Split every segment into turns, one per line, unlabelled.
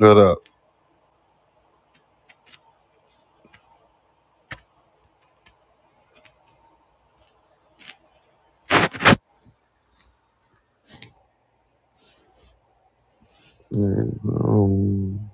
Shut up. Nigga, Um,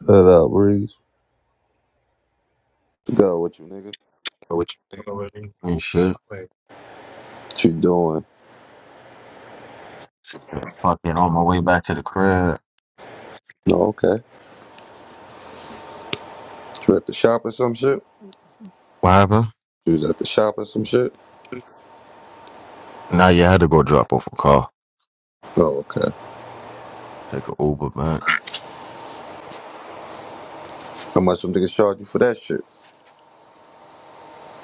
shut up, Breeze. To go with you, nigga.
So what you think? already. Ain't shit. Wait.
What you doing?
Yeah, Fucking on my way back to the crib.
Oh, okay. You at the shop or some shit?
What happened?
You was at the shop or some shit?
Nah, yeah, I had to go drop off a car.
Oh, okay.
Take a Uber man.
How much them niggas charge you for that shit?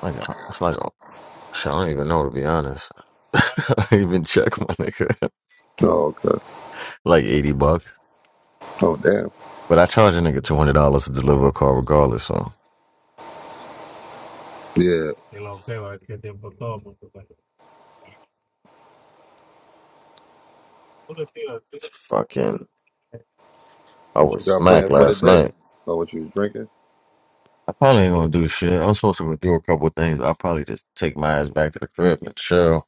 Like a, it's like a, shit, I don't even know to be honest. I don't even check my nigga.
Oh, okay.
like eighty bucks.
Oh, damn.
But I charge a nigga two hundred dollars to deliver a car regardless, so
Yeah.
like fucking I
What
was
you got
smacked
planned for the
last
day?
night.
Oh, what you was drinking?
I probably ain't gonna do shit. I am supposed to do a couple of things. I'll probably just take my ass back to the crib and chill.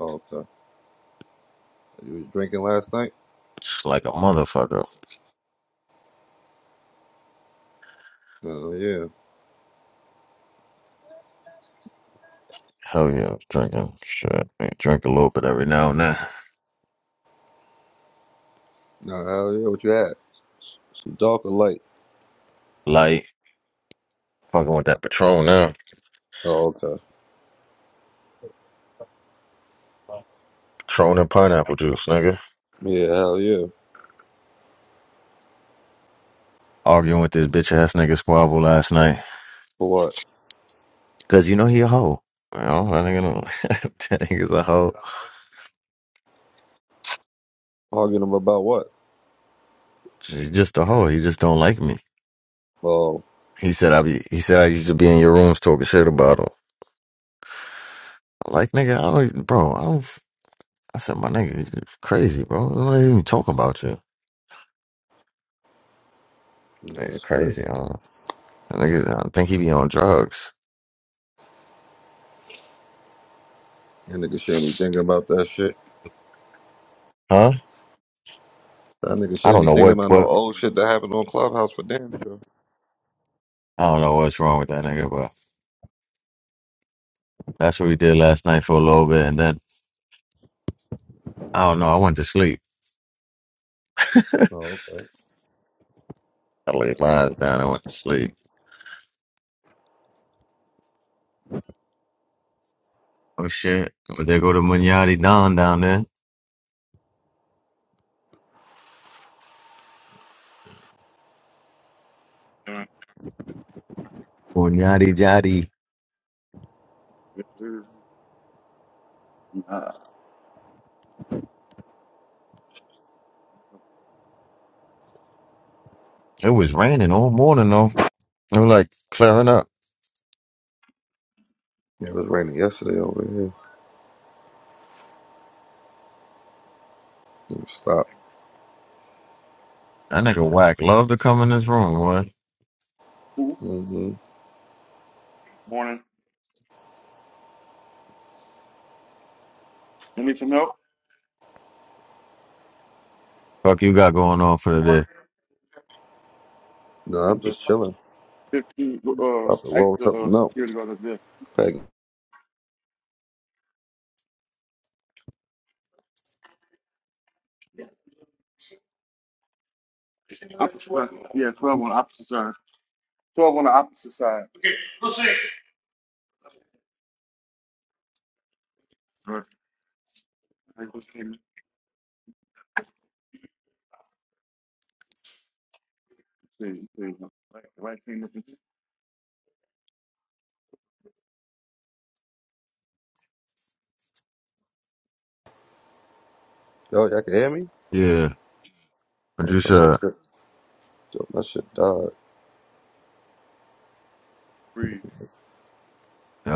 Oh, okay. You was drinking last night?
Just like a motherfucker.
Oh, yeah.
Hell yeah, I was drinking. Shit. Man, drink a little bit every now and then.
Oh, hell yeah. What you had? Some dark or light?
Light. Fucking with that Patron now.
Oh, okay.
Patron and pineapple juice, nigga.
Yeah, hell yeah.
Arguing with this bitch ass nigga squabble last night.
For what?
Cause you know he a hoe. Well, know, that nigga don't that nigga's a hoe.
Arguing about what?
He's just a hoe. He just don't like me.
Oh,
He said I be he said I used to be in your rooms talking shit about him. Like nigga, I don't even- bro, I don't I said, my nigga, you crazy, bro. I don't even talk about you.
yeah,
It's
that's crazy.
crazy. I don't, know. that nigga, I think he be on drugs.
That nigga shouldn't be thinking about that shit.
Huh?
That nigga
I
shouldn't
don't
be
know
thinking
what,
about no
what,
old shit that happened on Clubhouse for damn sure.
I don't know what's wrong with that nigga, but that's what we did last night for a little bit. And then, I don't know, I went to sleep.
Oh, okay.
I laid my eyes down. I went to sleep. Oh, shit. But they go to Munyadi Don down there.
Alright.
Munyadi Jadi.
Yes, sir. Nah.
It was raining all morning, though. It was like clearing up.
Yeah, it was raining yesterday over here. Let Stop.
That nigga whack. Love to come in this room, boy.
Ooh,
Mm-hmm.
Morning. You need some help?
Fuck you got going on for the day.
No, I'm
The
just chilling.
15, uh,
About to roll
extra, uh,
something up.
security guard up there.
Peggy.
Opposite side. Yeah, 12 on the opposite side. 12 on the opposite side. Right. Right thing. See, see, Right right thing up in
Yo, y'all can hear me?
Yeah. What
Oh,
you
damn, my
said?
shit. Damn, my shit died.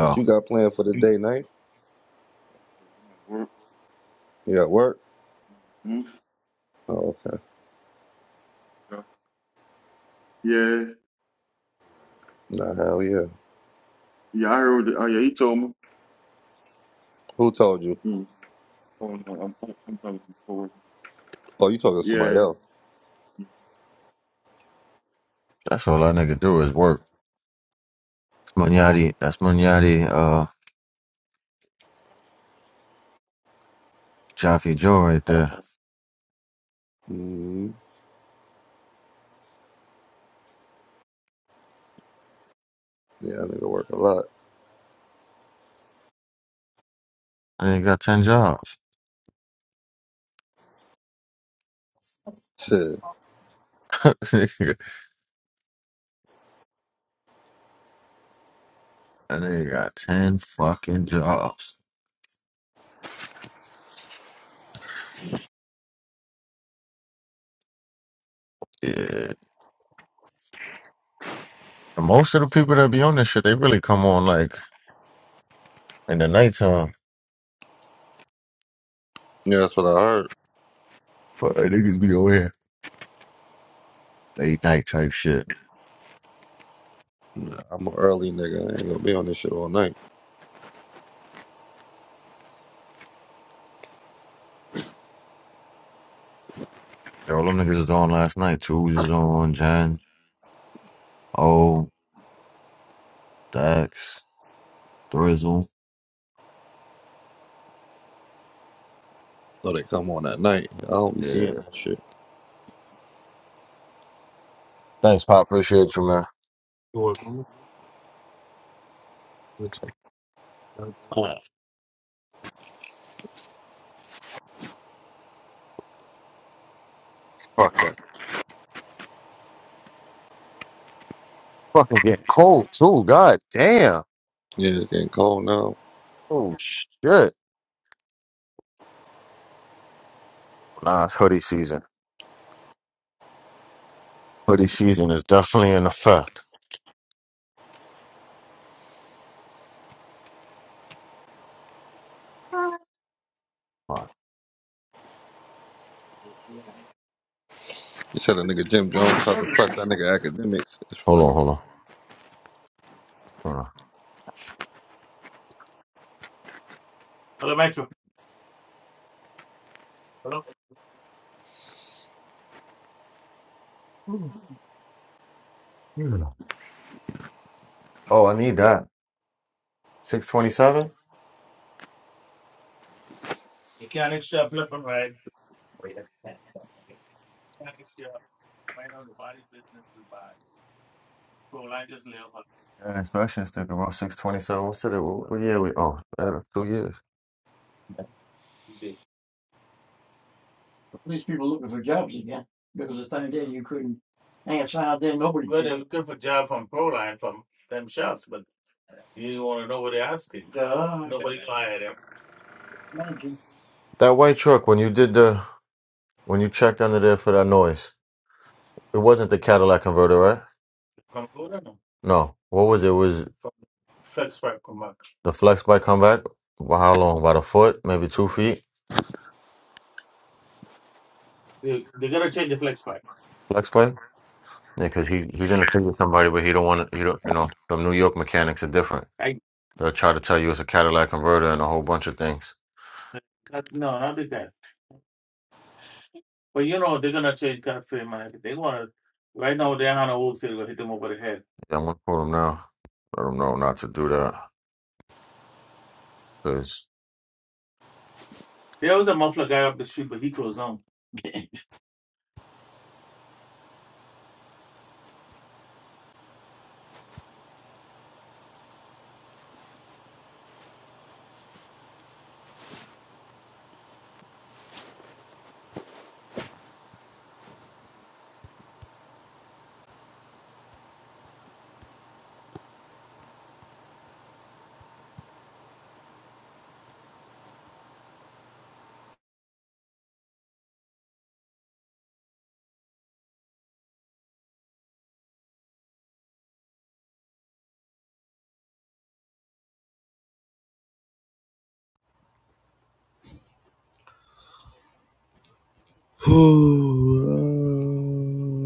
What you got planned for the day, night?
Shit, I'm at work.
You at work?
hmm
Oh, okay.
Yeah.
Nah, hell yeah.
Yeah, I heard it. Oh, yeah, he told me.
Who told you?
Mm. Oh, no, I'm, I'm talking to the forward.
Oh, you talking to somebody
Yeah.
else.
Hmm.
That's all I nigga do is work. Munyadi, that's Munyadi, uh, Jaffe Joe right there.
Oh.
Mm-hmm. Yeah, that nigga work a lot.
I nigga got 10 jobs.
Shit.
I nigga got 10 fucking jobs. Yeah. And most of the people that be on this shit, they really come on like in the nighttime.
Yeah, that's what I heard.
But they niggas be on here. Late night type shit.
Nah, I'm an early nigga. I ain't gonna be on this shit all night.
Yeah, all them niggas was on last night. Tools was on, Jen, O, Dax, Thrizzle.
So they come on at night. I don't be seeing
Yeah.
that shit.
Thanks, Pop. Appreciate you, man. You're welcome. Fuck that. fucking getting cold too. God damn.
Yeah, it's getting cold now.
Oh shit. Nah, it's hoodie season. Hoodie season is definitely in effect.
You said a nigga Jim Jones
Hold
tried to press that nigga academics. It's funny.
on, hold on. Hold on. Hmm. Oh, I need that. Six twenty seven? Yeah, inspection sticker about six twenty seven. What's it? What, what year we oh uh, two years. That white truck when you did the when you checked under there for that noise. It wasn't the Cadillac converter, right? No. What was it? It Was the flex bike comeback? Well, How long? About a foot, maybe two feet. Flex bike. Yeah, because he he gonna take it to somebody, but he don't want to. He don't. You know, the New York mechanics are different. They'll try to tell you it's a Cadillac converter and a whole bunch of things. Yeah, I'm gonna quote him now. Let him know not to do that. Cause
um...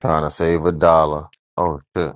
trying to save a dollar. Oh shit.